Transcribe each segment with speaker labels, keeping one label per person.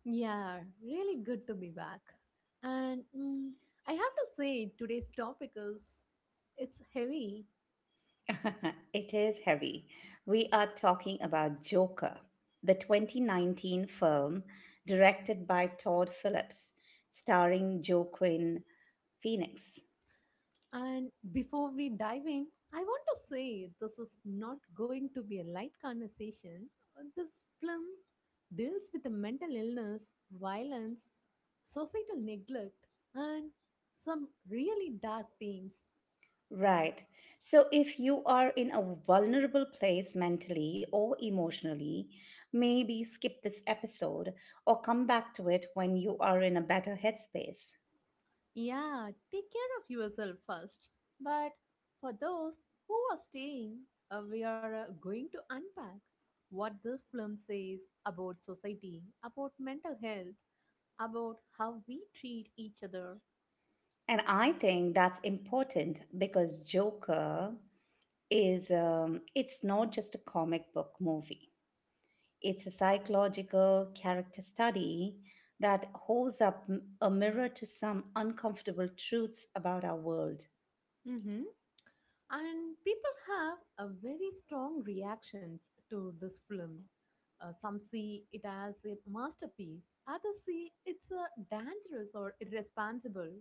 Speaker 1: Yeah, really good to be back. And I have to say, today's topic is it's heavy.
Speaker 2: It is heavy. We are talking about Joker, the 2019 film directed by Todd Phillips, starring Joaquin Phoenix.
Speaker 1: And before we dive in, I want to say this is not going to be a light conversation. This film deals with the mental illness, violence, societal neglect, and some really dark themes.
Speaker 2: Right. So, if you are in a vulnerable place mentally or emotionally, maybe skip this episode or come back to it when you are in a better headspace.
Speaker 1: Yeah, take care of yourself first. But for those who are staying, we are going to unpack what this film says about society, about mental health, about how we treat each other.
Speaker 2: And I think that's important because Joker is, it's not just a comic book movie, it's a psychological character study that holds up a mirror to some uncomfortable truths about our world.
Speaker 1: Hmm. And people have a very strong reactions to this film. Some see it as a masterpiece, others see it's dangerous or irresponsible.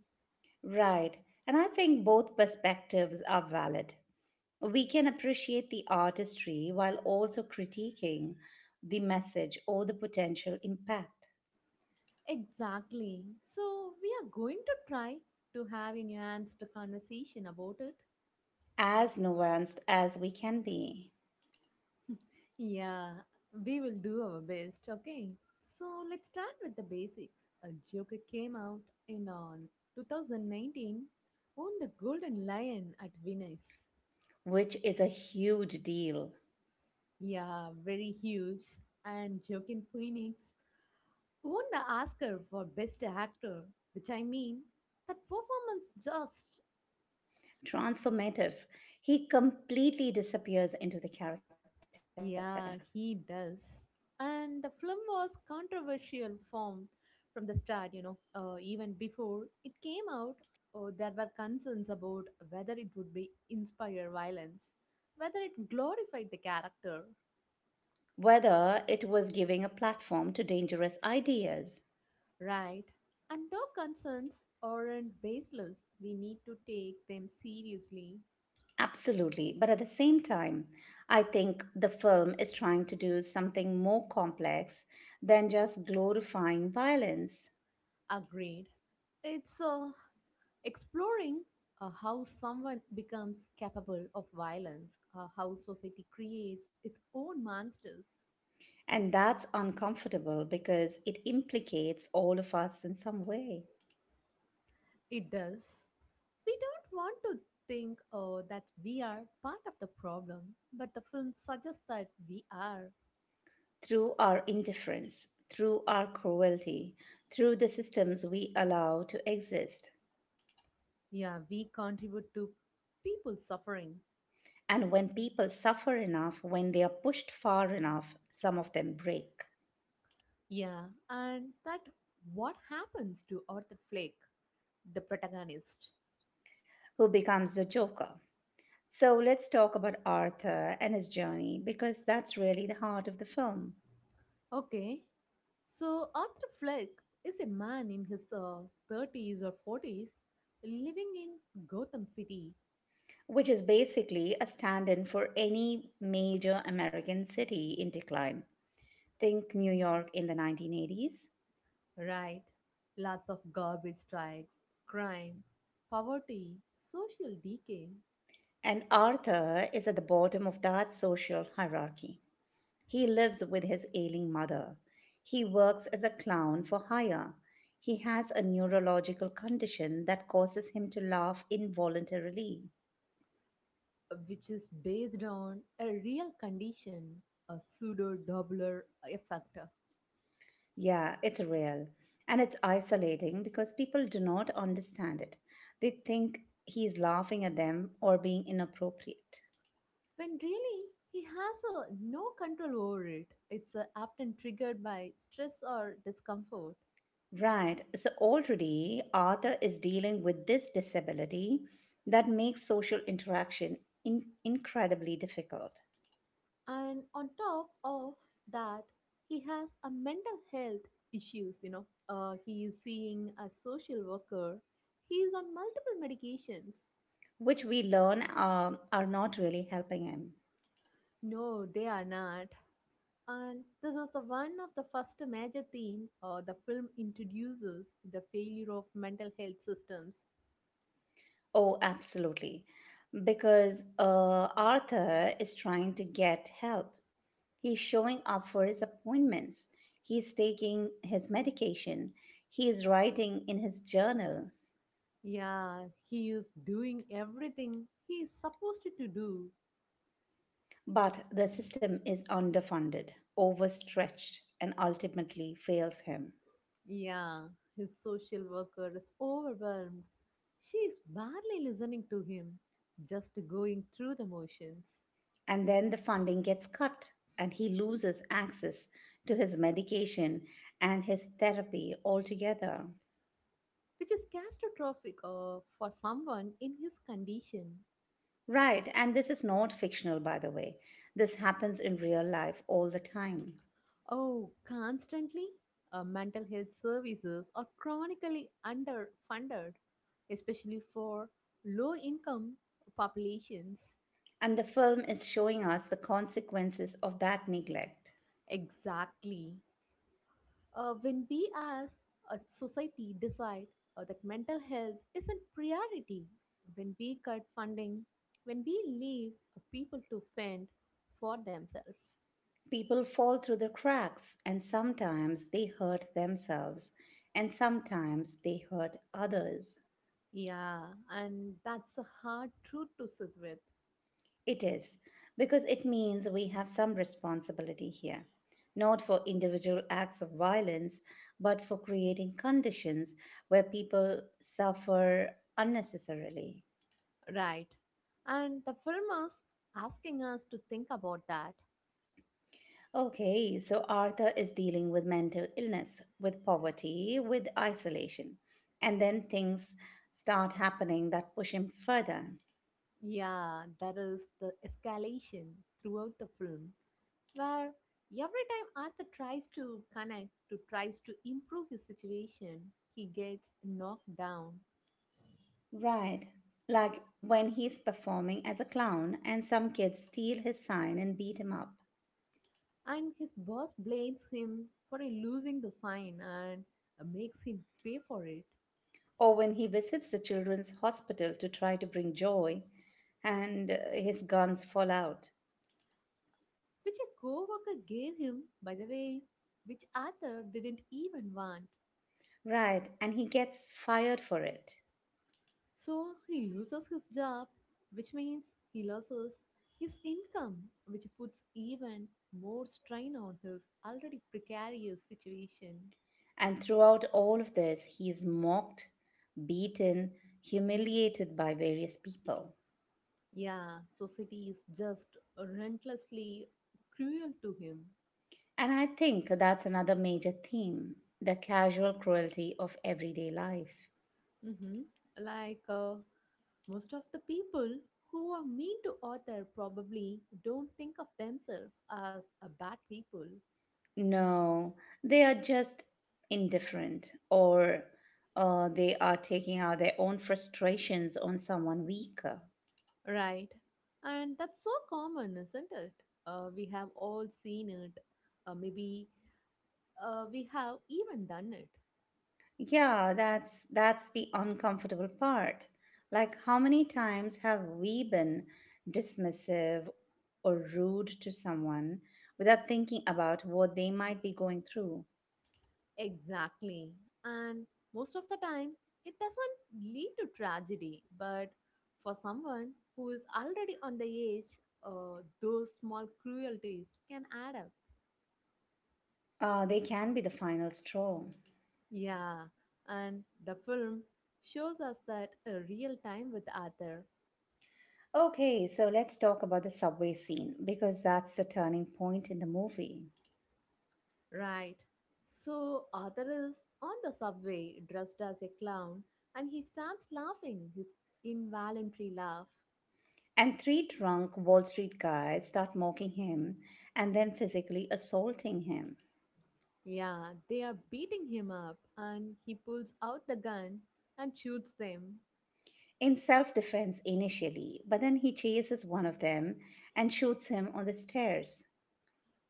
Speaker 2: Right. And I think both perspectives are valid. We can appreciate the artistry while also critiquing the message or the potential impact
Speaker 1: Exactly. So, we are going to try to have a nuanced conversation about it.
Speaker 2: as nuanced as we can be.
Speaker 1: Yeah, we will do our best, okay? So, let's start with the basics. A Joker came out in on 2019, won the Golden Lion at Venice.
Speaker 2: Which is a huge deal.
Speaker 1: Yeah, very huge. And Joaquin Phoenix won the Oscar for Best Actor, which I mean, that performance just.
Speaker 2: Transformative. He completely disappears into the character.
Speaker 1: Yeah, he does. And the film was controversial from the start, you know, even before it came out, there were concerns about whether it would be inspire violence, whether it glorified the character,
Speaker 2: Whether it was giving a platform to dangerous ideas.
Speaker 1: right? And though concerns aren't baseless, we need to take them seriously.
Speaker 2: Absolutely. But at the same time, I think the film is trying to do something more complex than just glorifying violence.
Speaker 1: Agreed. It's exploring how someone becomes capable of violence, how society creates its own monsters.
Speaker 2: And that's uncomfortable because it implicates all of us in some way.
Speaker 1: It does. We don't want to think that we are part of the problem, but the film suggests that we are.
Speaker 2: Through our indifference, through our cruelty, through the systems we allow to exist.
Speaker 1: Yeah, we contribute to people suffering.
Speaker 2: And when people suffer enough, when they are pushed far enough, some of them break.
Speaker 1: Yeah, and that what happens to Arthur Flake, the protagonist.
Speaker 2: Who becomes the Joker? So let's talk about Arthur and his journey because that's really the heart of the film,
Speaker 1: Okay, so Arthur Fleck is a man in his 30s or 40s living in Gotham City,
Speaker 2: which is basically a stand in for any major American city in decline. Think New York in the 1980s.
Speaker 1: right? Lots of garbage strikes, crime, poverty, social decay,
Speaker 2: And Arthur is at the bottom of that social hierarchy. He lives with his ailing mother. He works as a clown for hire. He has a neurological condition that causes him to laugh involuntarily.
Speaker 1: which is based on a real condition, a pseudo doubler effect.
Speaker 2: Yeah, it's real. And it's isolating because people do not understand it. They think he's laughing at them or being inappropriate.
Speaker 1: When really he has no control over it, it's often triggered by stress or discomfort.
Speaker 2: Right, so already Arthur is dealing with this disability that makes social interaction incredibly difficult.
Speaker 1: And on top of that, he has a mental health issues, you know, he is seeing a social worker, he is on multiple medications.
Speaker 2: Which we learn are not really helping him.
Speaker 1: No, they are not. And this was the one of the first major theme, the film introduces the failure of mental health systems.
Speaker 2: Oh, absolutely. Because Arthur is trying to get help. He's showing up for his appointments. He's taking his medication. He is writing in his journal.
Speaker 1: Yeah, he is doing everything he is supposed to do.
Speaker 2: But the system is underfunded, overstretched, and ultimately fails him.
Speaker 1: Yeah, his social worker is overwhelmed. She is barely listening to him, just going through the motions,
Speaker 2: And then the funding gets cut, and he loses access to his medication and his therapy altogether.
Speaker 1: which is catastrophic for someone in his condition.
Speaker 2: Right, and this is not fictional, by the way. This happens in real life all the time.
Speaker 1: Oh, constantly? Mental health services are chronically underfunded, especially for low income populations.
Speaker 2: And the film is showing us the consequences of that neglect.
Speaker 1: Exactly. When we as a society decide that mental health is a priority, when we cut funding, when we leave people to fend for themselves.
Speaker 2: People fall through the cracks, and sometimes they hurt themselves, and sometimes they hurt others.
Speaker 1: Yeah, and that's a hard truth to sit with.
Speaker 2: It is, because it means we have some responsibility here, not for individual acts of violence, but for creating conditions where people suffer unnecessarily.
Speaker 1: Right. And the film is asking us to think about that.
Speaker 2: Okay, so Arthur is dealing with mental illness, with poverty, with isolation. And then things start happening that push him further.
Speaker 1: Yeah, that is the escalation throughout the film, where every time Arthur tries to connect, to tries to improve his situation, he gets knocked down,
Speaker 2: Right. Like when he's performing as a clown and some kids steal his sign and beat him up.
Speaker 1: and his boss blames him for losing the sign and makes him pay for it,
Speaker 2: Or when he visits the children's hospital to try to bring joy and his guns fall out.
Speaker 1: which a coworker gave him, by the way, which Arthur didn't even want.
Speaker 2: Right. And he gets fired for it.
Speaker 1: So he loses his job, which means he loses his income, which puts even more strain on his already precarious situation.
Speaker 2: And throughout all of this, he is mocked, beaten, humiliated by various people.
Speaker 1: Yeah, society is just relentlessly cruel to him.
Speaker 2: And I think that's another major theme, the casual cruelty of everyday life.
Speaker 1: Hmm. Like, most of the people who are mean to author probably don't think of themselves as a bad people.
Speaker 2: No, they are just indifferent, or they are taking out their own frustrations on someone weaker.
Speaker 1: Right. And that's so common, isn't it? We have all seen it. Maybe we have even done it.
Speaker 2: Yeah, that's the uncomfortable part. Like how many times have we been dismissive or rude to someone without thinking about what they might be going through?
Speaker 1: Exactly. And most of the time, it doesn't lead to tragedy. But for someone who is already on the edge, those small cruelties can add up.
Speaker 2: They can be the final straw.
Speaker 1: Yeah. And the film shows us that a real time with Arthur.
Speaker 2: Okay, so let's talk about the subway scene because that's the turning point in the movie.
Speaker 1: Right. So Arthur is on the subway dressed as a clown and he starts laughing his involuntary laugh.
Speaker 2: And three drunk Wall Street guys start mocking him and then physically assaulting him.
Speaker 1: Yeah, they are beating him up and he pulls out the gun and shoots them,
Speaker 2: In self defense initially, but then he chases one of them and shoots him on the stairs.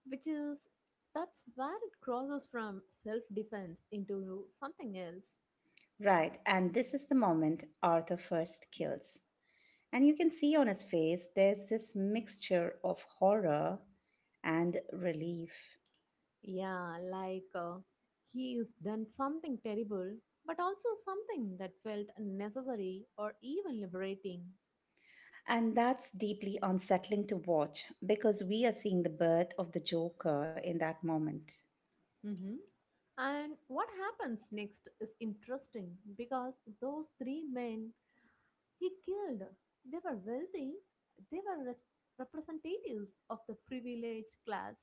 Speaker 1: which is that's where it crosses from self defense into something else.
Speaker 2: Right, and this is the moment Arthur first kills. And you can see on his face there's this mixture of horror and relief.
Speaker 1: Yeah, like, he has done something terrible, but also something that felt necessary or even liberating.
Speaker 2: And that's deeply unsettling to watch because we are seeing the birth of the Joker in that moment.
Speaker 1: Mm-hmm. And what happens next is interesting because those three men he killed, they were wealthy, they were representatives of the privileged class,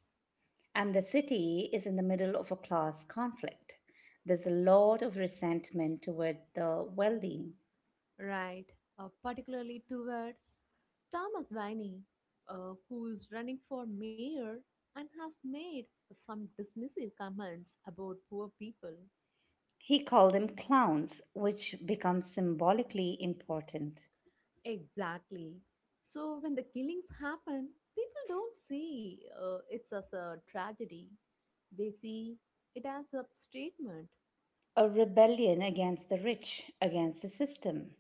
Speaker 2: And the city is in the middle of a class conflict. There's a lot of resentment toward the wealthy.
Speaker 1: right? Particularly toward Thomas Viney, who is running for mayor and has made some dismissive comments about poor people.
Speaker 2: He called them clowns, which becomes symbolically important.
Speaker 1: Exactly. So when the killings happen, people don't see it's as a tragedy. They see it as a statement,
Speaker 2: A rebellion against the rich, against the system.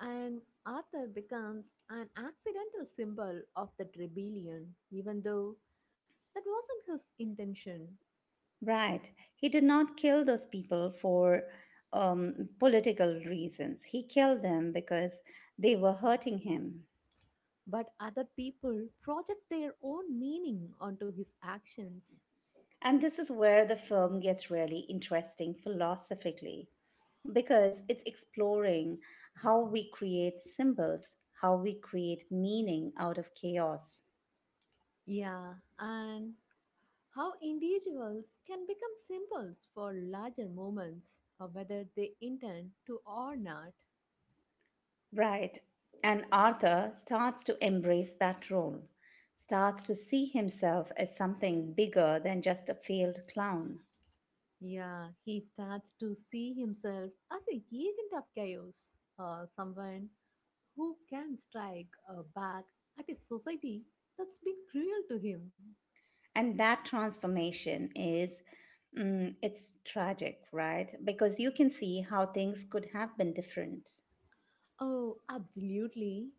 Speaker 1: and Arthur becomes an accidental symbol of that rebellion, even though that wasn't his intention.
Speaker 2: Right. He did not kill those people for political reasons. He killed them because they were hurting him.
Speaker 1: But other people project their own meaning onto his actions.
Speaker 2: And this is where the film gets really interesting philosophically because it's exploring how we create symbols, how we create meaning out of chaos.
Speaker 1: Yeah, and how individuals can become symbols for larger movements, or whether they intend to or not.
Speaker 2: Right. And Arthur starts to embrace that role, starts to see himself as something bigger than just a failed clown.
Speaker 1: Yeah, he starts to see himself as an agent of chaos, someone who can strike back at a society that's been cruel to him.
Speaker 2: And that transformation is, it's tragic, right? Because you can see how things could have been different.
Speaker 1: Oh, absolutely.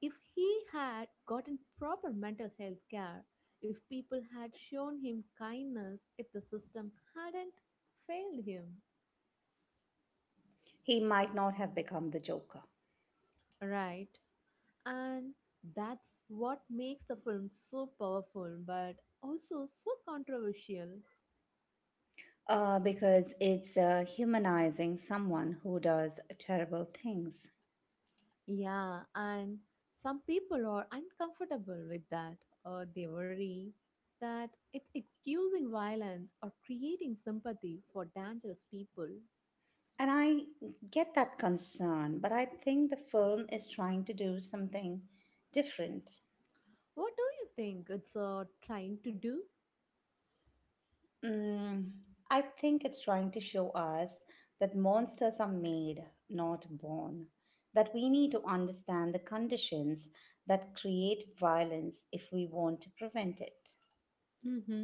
Speaker 1: If he had gotten proper mental health care, if people had shown him kindness, if the system hadn't failed him,
Speaker 2: He might not have become the Joker.
Speaker 1: right? And that's what makes the film so powerful but also so controversial.
Speaker 2: Because it's humanizing someone who does terrible things.
Speaker 1: Yeah, and some people are uncomfortable with that, or they worry that it's excusing violence or creating sympathy for dangerous people.
Speaker 2: And I get that concern, but I think the film is trying to do something different.
Speaker 1: What do you think it's trying to do?
Speaker 2: Mm, I think it's trying to show us that monsters are made, not born. That we need to understand the conditions that create violence if we want to prevent it.
Speaker 1: Hmm.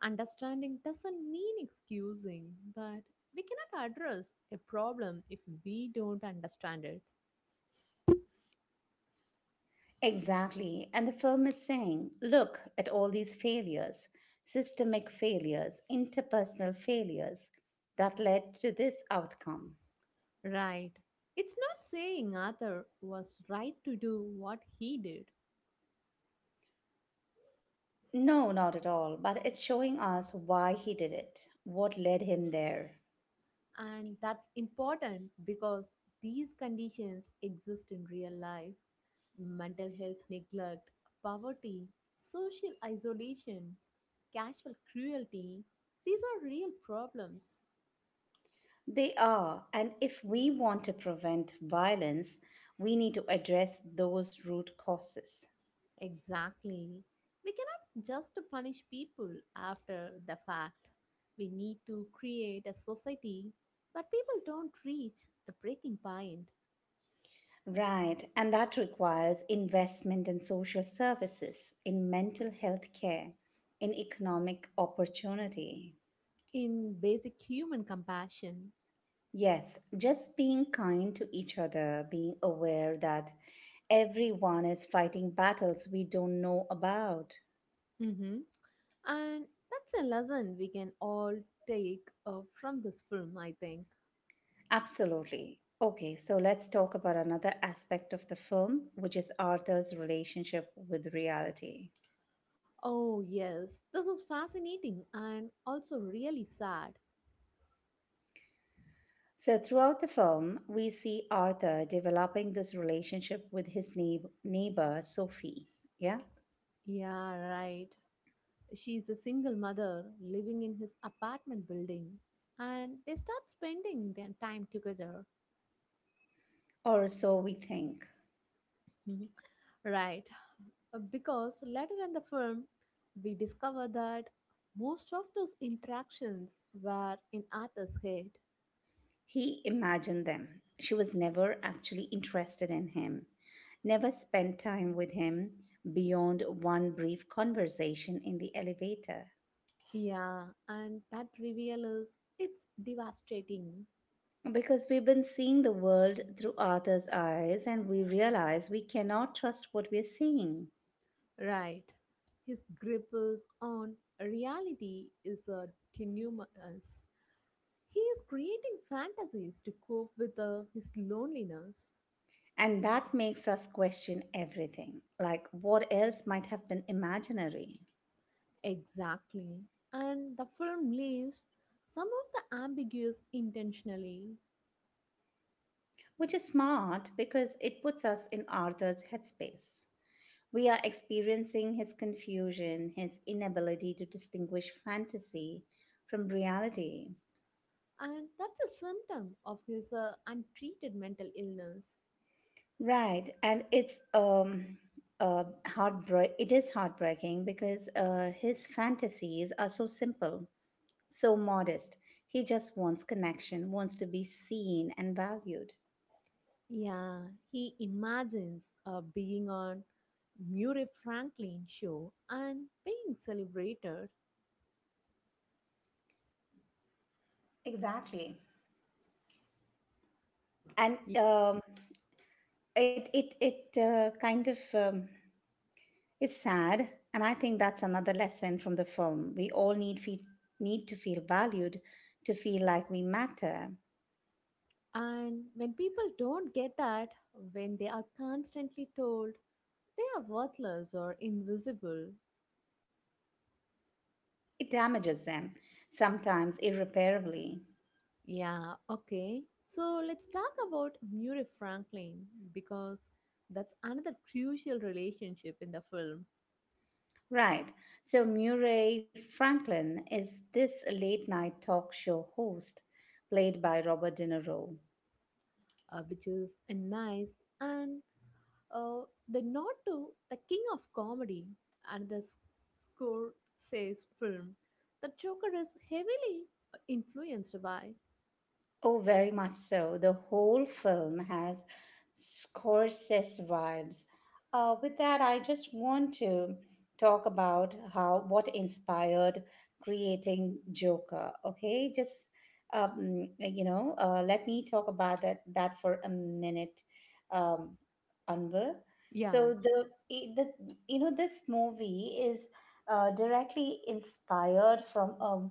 Speaker 1: Understanding doesn't mean excusing, but we cannot address a problem if we don't understand it.
Speaker 2: Exactly. And the film is saying, look at all these failures, systemic failures, interpersonal failures that led to this outcome.
Speaker 1: Right. It's not saying Arthur was right to do what he did.
Speaker 2: No, not at all, but it's showing us why he did it, what led him there.
Speaker 1: And that's important because these conditions exist in real life mental health neglect, poverty, social isolation, casual cruelty. These are real problems.
Speaker 2: They are, and if we want to prevent violence, we need to address those root causes.
Speaker 1: Exactly. We cannot just punish people after the fact. We need to create a society where people don't reach the breaking point
Speaker 2: Right, and that requires investment in social services, in mental health care, in economic opportunity.
Speaker 1: in basic human compassion.
Speaker 2: Yes, just being kind to each other, being aware that everyone is fighting battles we don't know about.
Speaker 1: Mhm. And that's a lesson we can all take from this film, I think.
Speaker 2: Absolutely. Okay, so let's talk about another aspect of the film, which is Arthur's relationship with reality.
Speaker 1: Oh, yes, this is fascinating and also really sad.
Speaker 2: So, throughout the film, we see Arthur developing this relationship with his neighbor, Sophie. Yeah?
Speaker 1: Yeah, right. She's a single mother living in his apartment building, and they start spending their time together.
Speaker 2: Or so we think.
Speaker 1: Mhm. Right, because later in the film, we discover that most of those interactions were in Arthur's head.
Speaker 2: He imagined them. She was never actually interested in him, never spent time with him beyond one brief conversation in the elevator.
Speaker 1: Yeah, and that reveal is it's devastating,
Speaker 2: Because we've been seeing the world through Arthur's eyes and we realize we cannot trust what we're seeing.
Speaker 1: right? His grip is on reality is a tenuous. He is creating fantasies to cope with his loneliness.
Speaker 2: And that makes us question everything, like what else might have been imaginary.
Speaker 1: Exactly. And the film leaves some of the ambiguous intentionally,
Speaker 2: Which is smart because it puts us in Arthur's headspace. We are experiencing his confusion, his inability to distinguish fantasy from reality.
Speaker 1: and that's a symptom of his untreated mental illness.
Speaker 2: Right, and it's heartbreak it is heartbreaking because his fantasies are so simple, so modest. He just wants connection, wants to be seen and valued.
Speaker 1: Yeah, he imagines being on Murray Franklin show and being celebrated.
Speaker 2: Exactly. And
Speaker 1: Y-
Speaker 2: it it it kind of is sad, and I think that's another lesson from the film. We all need to feel valued, to feel like we matter.
Speaker 1: And when people don't get that, when they are constantly told they are worthless or invisible.
Speaker 2: It damages them sometimes irreparably.
Speaker 1: Yeah, okay. So let's talk about Murray Franklin because that's another crucial relationship in the film,
Speaker 2: Right. So Murray Franklin is this late night talk show host played by Robert De Niro.
Speaker 1: which is a nice and Uh, the nod to the king of comedy and the score says film the Joker is heavily influenced by.
Speaker 2: Oh, very much so. The whole film has Scorsese vibes. With that, I just want to talk about how what inspired creating Joker. Okay, just let me talk about that for a minute, um, Anwar. So
Speaker 1: Yeah,
Speaker 2: the this movie is directly inspired from a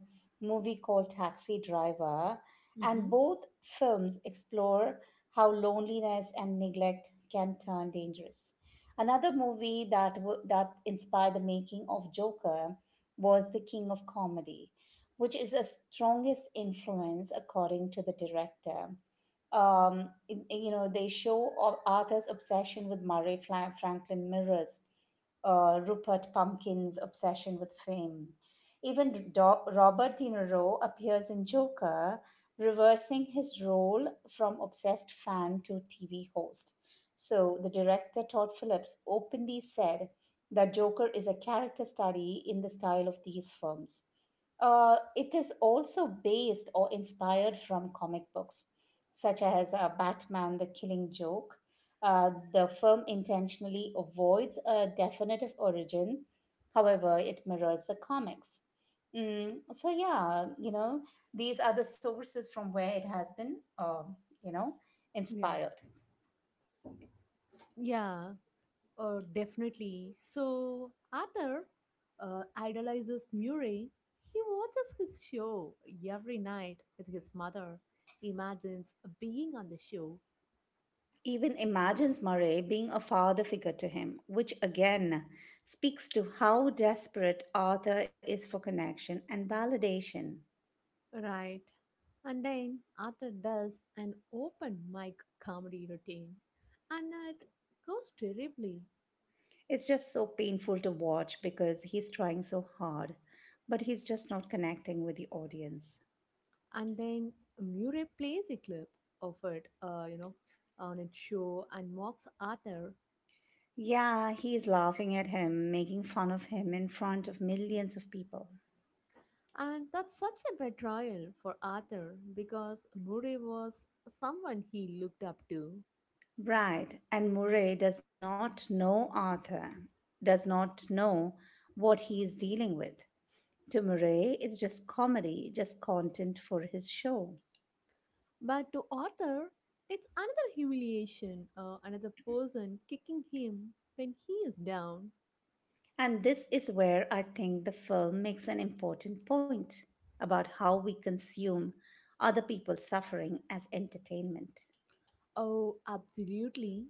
Speaker 2: movie called Taxi Driver
Speaker 1: mm-hmm,
Speaker 2: and both films explore how loneliness and neglect can turn dangerous. Another movie that, that inspired the making of Joker was The King of Comedy, which is a strongest influence according to the director they show Arthur's obsession with Murray Franklin mirrors, Rupert Pumpkin's obsession with fame. Even Robert De Niro appears in Joker reversing his role from obsessed fan to TV host. So, the director Todd Phillips openly said that Joker is a character study in the style of these films. It is also based or inspired from comic books, such as Batman The Killing Joke. The film intentionally avoids a definitive origin, however, it mirrors the comics. Mm, so yeah, you know, these are the sources from where it has been, you know,
Speaker 1: yeah,
Speaker 2: inspired.
Speaker 1: yeah, definitely. So Arthur idolizes Murray. He watches his show every night with his mother, imagines being on the show.
Speaker 2: Even imagines Murray being a father figure to him, which again speaks to how desperate Arthur is for connection and validation.
Speaker 1: Right. And then Arthur does an open mic comedy routine, and it goes terribly.
Speaker 2: It's just so painful to watch because he's trying so hard, but he's just not connecting with the audience.
Speaker 1: And then Murray plays a clip of it, on its show and mocks Arthur.
Speaker 2: Yeah, he's laughing at him, making fun of him in front of millions of people.
Speaker 1: And that's such a betrayal for Arthur because Murray was someone he looked up to.
Speaker 2: Right, and Murray does not know Arthur, does not know what he is dealing with. To Murray, it's just comedy, just content for his show.
Speaker 1: But to Arthur, it's another humiliation, another person kicking him when he is down.
Speaker 2: And this is where I think the film makes an important point about how we consume other people's suffering as entertainment.
Speaker 1: Oh, absolutely.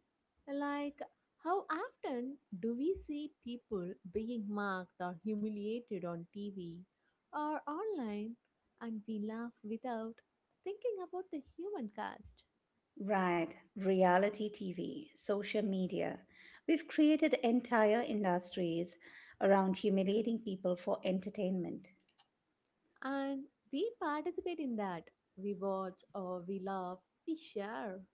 Speaker 1: Like, how often do we see people being mocked or humiliated on TV or online, and we laugh without thinking about the human cost?
Speaker 2: Right, reality TV, social media. We've created entire industries around humiliating people for entertainment.
Speaker 1: And we participate in that. We watch or we laugh, we share.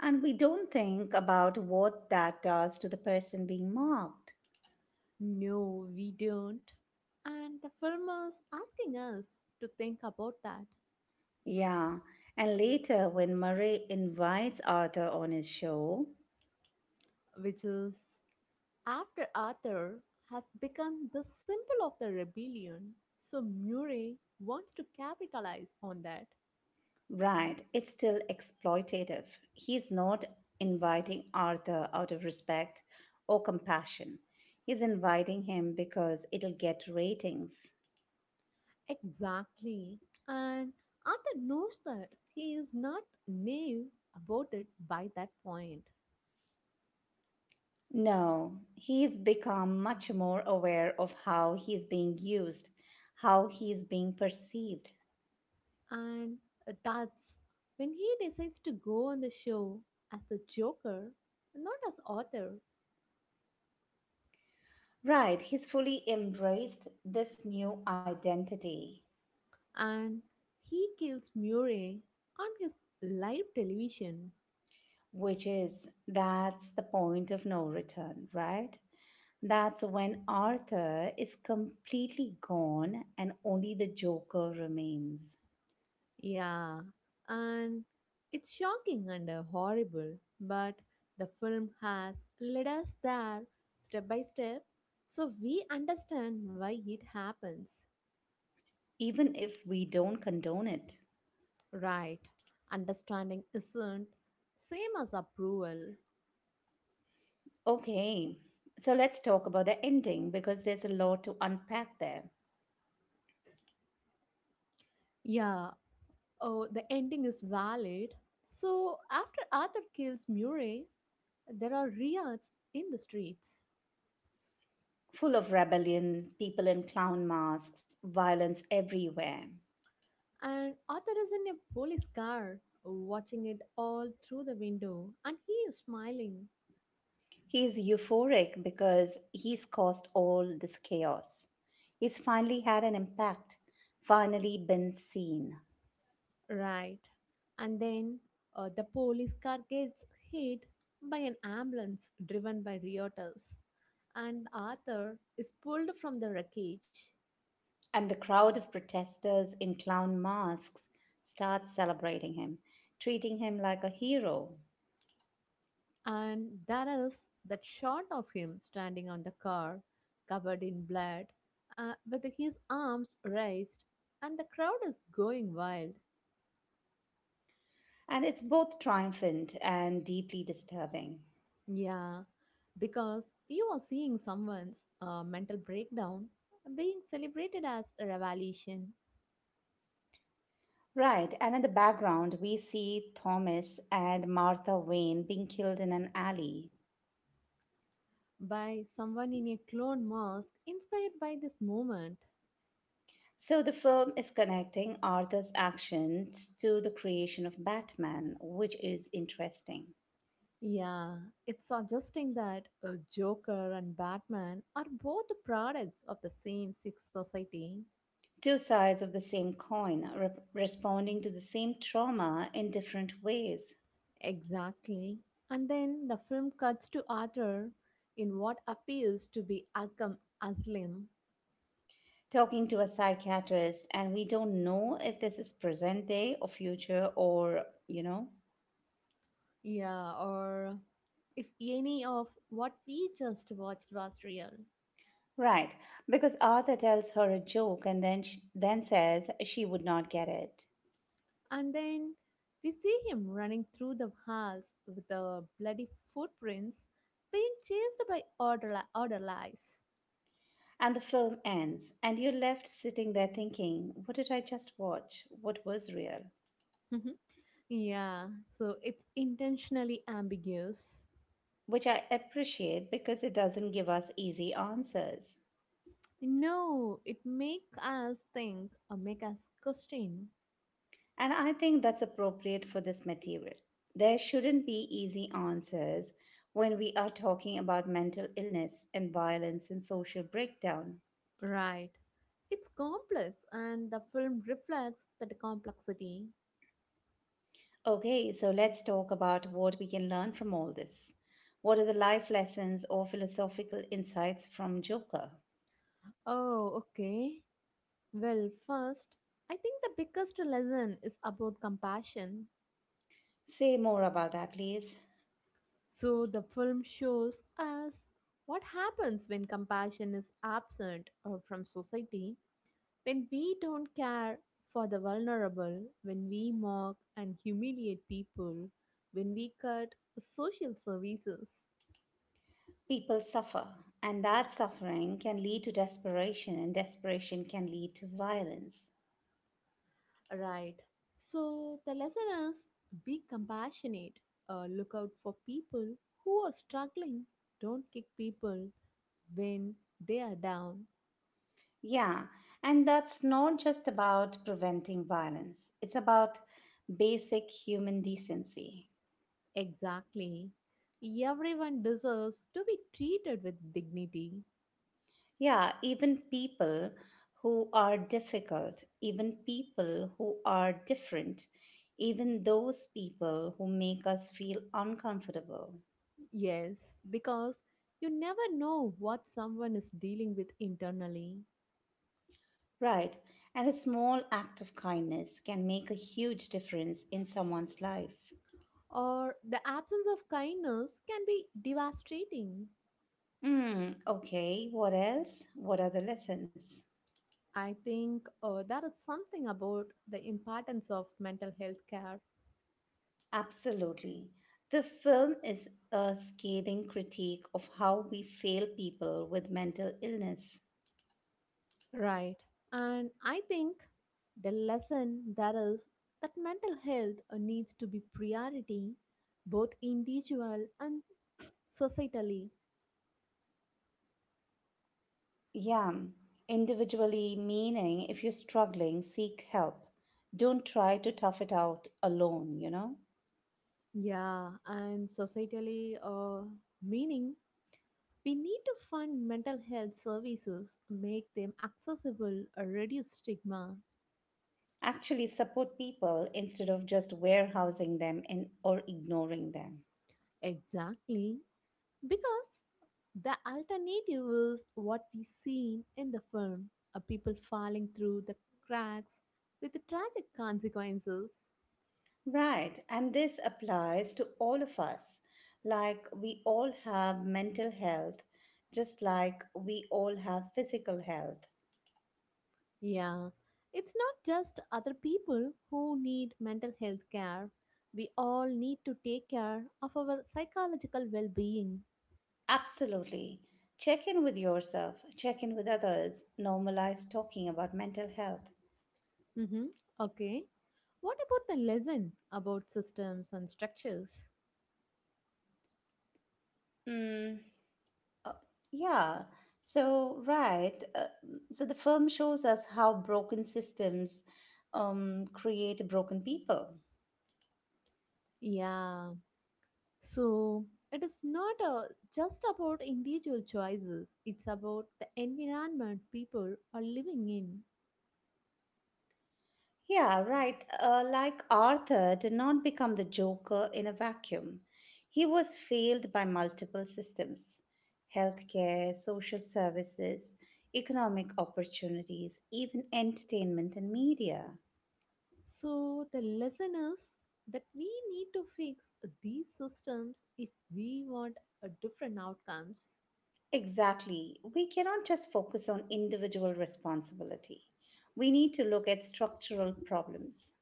Speaker 2: And we don't think about what that does to the person being mocked.
Speaker 1: No, we don't. And the film is asking us to think about that,
Speaker 2: Yeah, and later when Murray invites Arthur on his show,
Speaker 1: which is after Arthur has become the symbol of the rebellion, so Murray wants to capitalize on that.
Speaker 2: right, it's still exploitative. He's not inviting Arthur out of respect or compassion, he's inviting him because it'll get ratings.
Speaker 1: Exactly. And Arthur knows that he is not naive about it by that point.
Speaker 2: No, he's become much more aware of how he's being used, how he's being perceived.
Speaker 1: And that's when he decides to go on the show as the Joker, not as Arthur.
Speaker 2: Right, he's fully embraced this new identity,
Speaker 1: And he kills Murray on his live television.
Speaker 2: which is that's the point of no return, right? That's when Arthur is completely gone and only the Joker remains,
Speaker 1: Yeah, and it's shocking and horrible, but the film has led us there step by step so we understand why it happens.
Speaker 2: even if we don't condone it.
Speaker 1: Right, understanding isn't same as approval.
Speaker 2: Okay, so let's talk about the ending because there's a lot to unpack there.
Speaker 1: Yeah, oh, the ending is valid. So after Arthur kills Murray, there are riots in the streets.
Speaker 2: Full of rebellion, people in clown masks, violence everywhere.
Speaker 1: And Arthur is in a police car, watching it all through the window, and he is smiling.
Speaker 2: He's euphoric because he's caused all this chaos. He's finally had an impact, finally been seen.
Speaker 1: Right. And then the police car gets hit by an ambulance driven by rioters. And Arthur is pulled from the wreckage.
Speaker 2: And the crowd of protesters in clown masks starts celebrating him, treating him like a hero.
Speaker 1: And that is that shot of him standing on the car, covered in blood, with his arms raised, and the crowd is going wild.
Speaker 2: And it's both triumphant and deeply disturbing.
Speaker 1: Yeah, because you are seeing someone's mental breakdown being celebrated as a revelation
Speaker 2: Right, and in the background, we see Thomas and Martha Wayne being killed in an alley.
Speaker 1: by someone in a clone mask inspired by this moment.
Speaker 2: So the film is connecting Arthur's actions to the creation of Batman, which is interesting.
Speaker 1: Yeah, it's suggesting that Joker and Batman are both the products of the same sick society.
Speaker 2: Two sides of the same coin, responding to the same trauma in different ways.
Speaker 1: Exactly. And then the film cuts to Arthur in what appears to be Arkham Asylum.
Speaker 2: Talking to a psychiatrist, and we don't know if this is present day or future or, you know.
Speaker 1: Yeah, or if any of what we just watched was real.
Speaker 2: Right, because Arthur tells her a joke and then says she would not get it.
Speaker 1: And then we see him running through the halls with the bloody footprints, being chased by other lies.
Speaker 2: And the film ends, and you're left sitting there thinking, what did I just watch? What was real?
Speaker 1: Yeah, so it's intentionally ambiguous.
Speaker 2: Which I appreciate because it doesn't give us easy answers.
Speaker 1: No, it makes us think or make us question.
Speaker 2: And I think that's appropriate for this material. There shouldn't be easy answers when we are talking about mental illness and violence and social breakdown.
Speaker 1: Right. It's complex and the film reflects that complexity.
Speaker 2: Okay, so let's talk about what we can learn from all this. What are the life lessons or philosophical insights from Joker?
Speaker 1: Oh, okay. Well, first, I think the biggest lesson is about compassion.
Speaker 2: Say more about that, please.
Speaker 1: So, the film shows us what happens when compassion is absent or from society, when we don't care for the vulnerable, when we mock and humiliate people, when we cut social services.
Speaker 2: People suffer, and that suffering can lead to desperation, and desperation can lead to violence.
Speaker 1: Right. So the lesson is be compassionate. Look out for people who are struggling. Don't kick people when they are down.
Speaker 2: Yeah, and that's not just about preventing violence, it's about basic human decency.
Speaker 1: Exactly. Everyone deserves to be treated with dignity.
Speaker 2: Yeah, even people who are difficult, even people who are different, even those people who make us feel uncomfortable.
Speaker 1: Yes, because you never know what someone is dealing with internally.
Speaker 2: Right. And a small act of kindness can make a huge difference in someone's life.
Speaker 1: Or the absence of kindness can be devastating.
Speaker 2: Hmm, okay, what else? What are the lessons?
Speaker 1: I think there is something about the importance of mental health care,
Speaker 2: Absolutely. The film is a scathing critique of how we fail people with mental illness.
Speaker 1: right? And I think the lesson there is that mental health needs to be priority, both individual and societally.
Speaker 2: Yeah, individually, meaning if you're struggling, seek help. Don't try to tough it out alone, you know?
Speaker 1: Yeah, and societally, meaning we need to fund mental health services, make them accessible, reduce stigma.
Speaker 2: Actually support people instead of just warehousing them and or ignoring them.
Speaker 1: Exactly, because the alternative is what we seen in the film, a people falling through the cracks with tragic consequences.
Speaker 2: Right, and this applies to all of us, like we all have mental health just like we all have physical health.
Speaker 1: Yeah, it's not just other people who need mental health care. We all need to take care of our psychological well being.
Speaker 2: Absolutely, check in with yourself, check in with others, normalize talking about mental health.
Speaker 1: Mm-hmm. Okay. What about the lesson about systems and structures?
Speaker 2: Hmm. Yeah. So, right. Uh, so the film shows us how broken systems create broken people.
Speaker 1: Yeah. So it is not just about individual choices, it's about the environment people are living in.
Speaker 2: Yeah, right. Like Arthur did not become the Joker in a vacuum. He was failed by multiple systems: healthcare, social services, economic opportunities, even entertainment and media.
Speaker 1: So the lesson is that we need to fix these systems if we want a different outcomes
Speaker 2: Exactly. We cannot just focus on individual responsibility. We need to look at structural problems.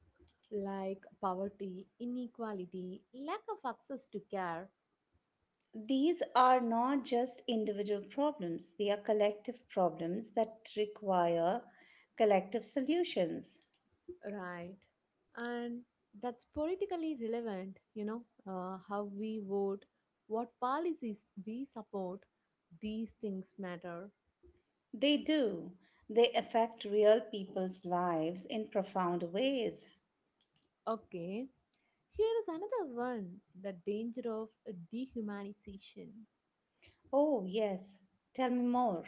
Speaker 1: like poverty, inequality, lack of access to care.
Speaker 2: These are not just individual problems, they are collective problems that require collective solutions.
Speaker 1: Right. And that's politically relevant, you know, how we vote, what policies we support, these things matter.
Speaker 2: They do. They affect real people's lives in profound ways.
Speaker 1: Okay. Here is another one, the danger of dehumanization.
Speaker 2: Oh, yes. Tell me more.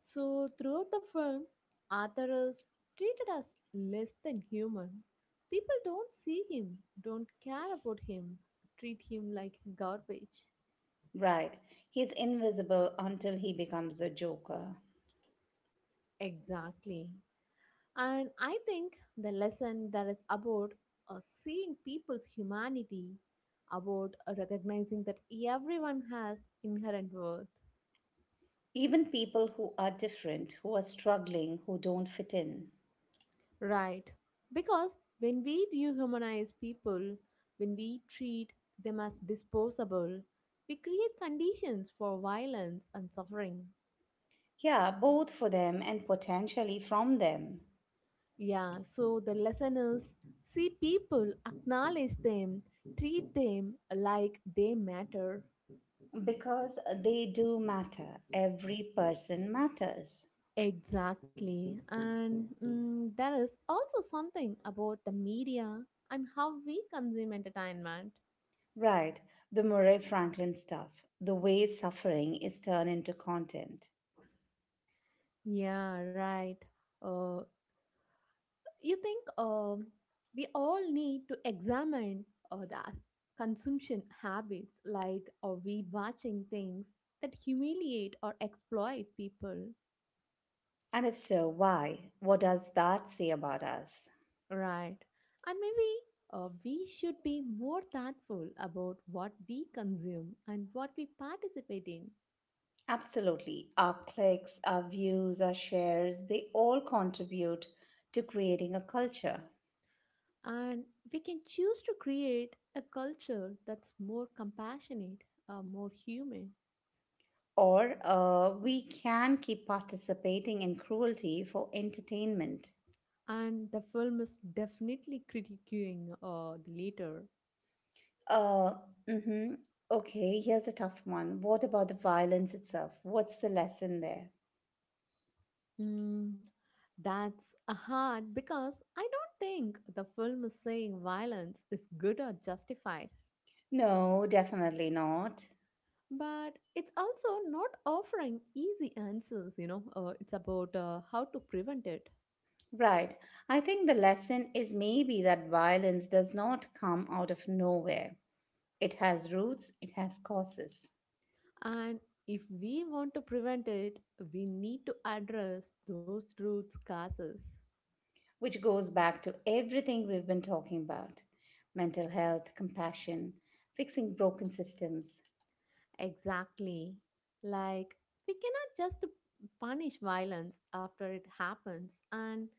Speaker 1: So, throughout the film, Arthur is treated as less than human. People don't see him, don't care about him, treat him like garbage.
Speaker 2: Right. He's invisible until he becomes a joker.
Speaker 1: Exactly. And I think the lesson that is about seeing people's humanity, about recognizing that everyone has inherent worth.
Speaker 2: Even people who are different, who are struggling, who don't fit in.
Speaker 1: Right. Because when we dehumanize people, when we treat them as disposable, we create conditions for violence and suffering.
Speaker 2: Yeah, both for them and potentially from them.
Speaker 1: Yeah, so the lesson is see people, acknowledge them, treat them like they matter.
Speaker 2: Because they do matter. Every person matters.
Speaker 1: Exactly. And there is also something about the media and how we consume entertainment.
Speaker 2: Right, the Murray Franklin stuff, the way suffering is turned into content.
Speaker 1: Yeah, right. Uh, you think we all need to examine the consumption habits, like are we watching things that humiliate or exploit people?
Speaker 2: And if so, why? What does that say about us?
Speaker 1: Right. And maybe we should be more thoughtful about what we consume and what we participate in.
Speaker 2: Absolutely. Our clicks, our views, our shares, they all contribute to creating a culture.
Speaker 1: And we can choose to create a culture that's more compassionate, more human.
Speaker 2: Or we can keep participating in cruelty for entertainment.
Speaker 1: And the film is definitely critiquing the later.
Speaker 2: Uh, mm-hmm. Okay, here's a tough one. What about the violence itself? What's the lesson there?
Speaker 1: Mm, that's a hard because I don't think the film is saying violence is good or justified.
Speaker 2: No, definitely not.
Speaker 1: But it's also not offering easy answers, you know. It's about how to prevent it.
Speaker 2: Right. I think the lesson is maybe that violence does not come out of nowhere. It has roots, it has causes,
Speaker 1: And if we want to prevent it, we need to address those root causes.
Speaker 2: which goes back to everything we've been talking about: mental health, compassion, fixing broken systems.
Speaker 1: Exactly. Like, we cannot just punish violence after it happens and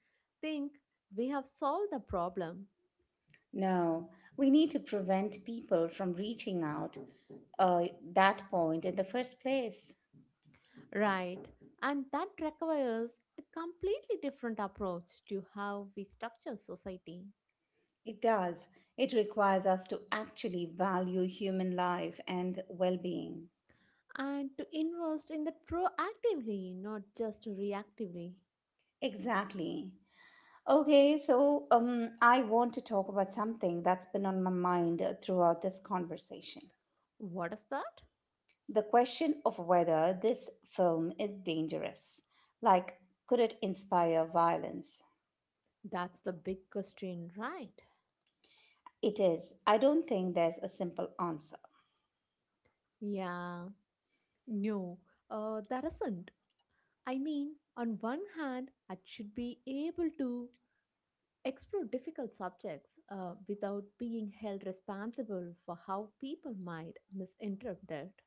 Speaker 1: think we have solved the problem.
Speaker 2: No, we need to prevent people from reaching out uh, that point in the first place.
Speaker 1: Right. And that requires a completely different approach to how we structure society
Speaker 2: It does. It requires us to actually value human life and well being.
Speaker 1: and to invest in that proactively, not just reactively.
Speaker 2: Exactly. Okay, so I want to talk about something that's been on my mind throughout this conversation.
Speaker 1: What is that?
Speaker 2: The question of whether this film is dangerous. Like, could it inspire violence?
Speaker 1: That's the big question, right?
Speaker 2: It is. I don't think there's a simple answer.
Speaker 1: Yeah, no, that isn't. I mean, on one hand, I should be able to explore difficult subjects without being held responsible for how people might misinterpret it.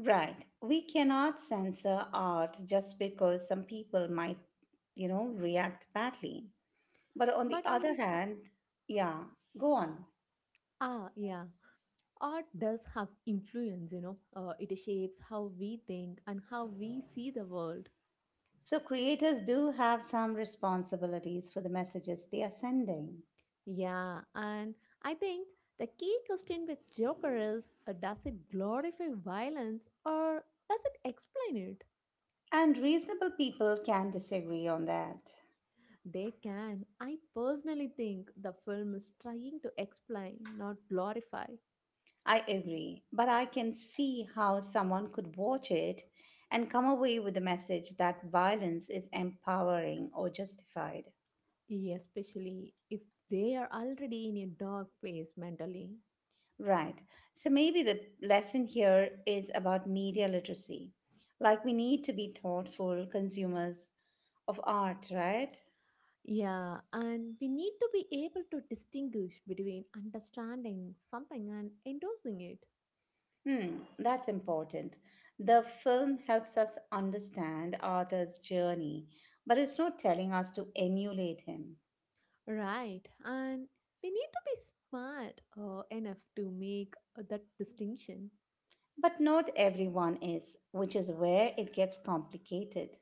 Speaker 2: Right. We cannot censor art just because some people might, you know, react badly. But on the
Speaker 1: But on
Speaker 2: other
Speaker 1: the oth-
Speaker 2: hand, yeah, go on.
Speaker 1: Ah, yeah, art does have influence. You know, it shapes how we think and how we see the world.
Speaker 2: So creators do have some responsibilities for the messages they are sending.
Speaker 1: Yeah, and I think the key question with Joker is, does it glorify violence or does it explain it?
Speaker 2: And reasonable people can disagree on that.
Speaker 1: They can. I personally think the film is trying to explain, not glorify,
Speaker 2: I agree, but I can see how someone could watch it and come away with the message that violence is empowering or justified.
Speaker 1: especially if they are already in a dark place mentally.
Speaker 2: Right. So maybe the lesson here is about media literacy. Like, we need to be thoughtful consumers of art, right?
Speaker 1: Yeah, and we need to be able to distinguish between understanding something and endorsing it.
Speaker 2: Hmm, that's important. The film helps us understand Arthur's journey, but it's not telling us to emulate him.
Speaker 1: Right, and we need to be smart enough to make that distinction.
Speaker 2: But not everyone is, which is where it gets complicated.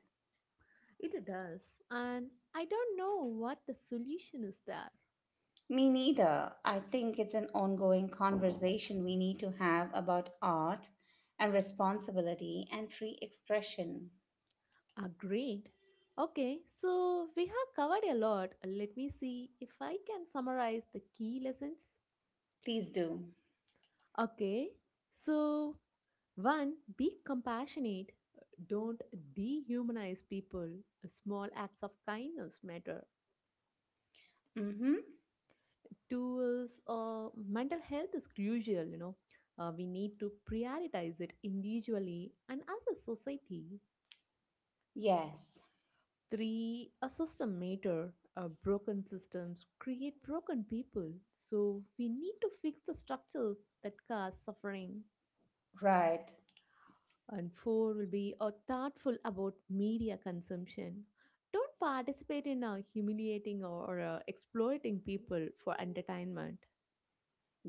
Speaker 1: It does, and I don't know what the solution is there.
Speaker 2: Me neither. I think it's an ongoing conversation we need to have about art and responsibility and free expression.
Speaker 1: Agreed. Okay, so we have covered a lot. Let me see if I can summarize the key lessons.
Speaker 2: Please do.
Speaker 1: Okay, so one, be compassionate. Don't dehumanize people. Small acts of kindness matter.
Speaker 2: Mm-hmm.
Speaker 1: Two is, mental health is crucial, you know, we need to prioritize it individually and as a society.
Speaker 2: Yes.
Speaker 1: Three, a system matter, broken systems create broken people, so we need to fix the structures that cause suffering.
Speaker 2: Right.
Speaker 1: And four will be thoughtful about media consumption, don't participate in humiliating or exploiting people for entertainment.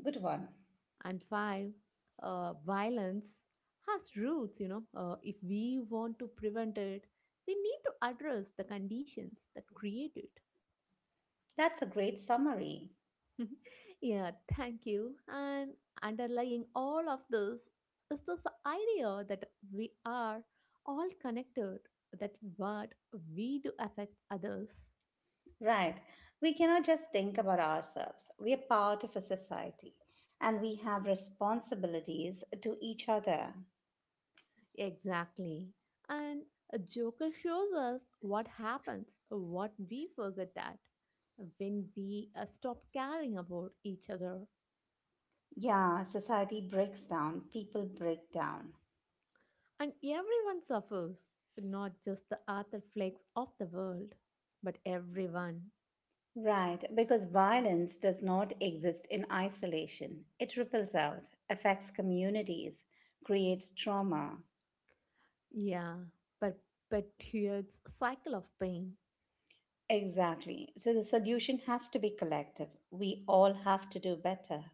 Speaker 2: Good one.
Speaker 1: And five, violence has roots, you know, if we want to prevent it we need to address the conditions that create it.
Speaker 2: That's a great summary.
Speaker 1: Yeah, thank you, and underlying all of this is this idea that we are all connected, that what we do affects others.
Speaker 2: Right. We cannot just think about ourselves. We are part of a society and we have responsibilities to each other.
Speaker 1: Exactly. And a Joker shows us what happens, what we forget, that when we stop caring about each other.
Speaker 2: Yeah, society breaks down, people break down.
Speaker 1: And everyone suffers, not just the Arthur Flakes of the world, but everyone.
Speaker 2: Right, because violence does not exist in isolation. It ripples out, affects communities, creates trauma.
Speaker 1: Yeah, perpetuates cycle of pain.
Speaker 2: Exactly. So the solution has to be collective. We all have to do better.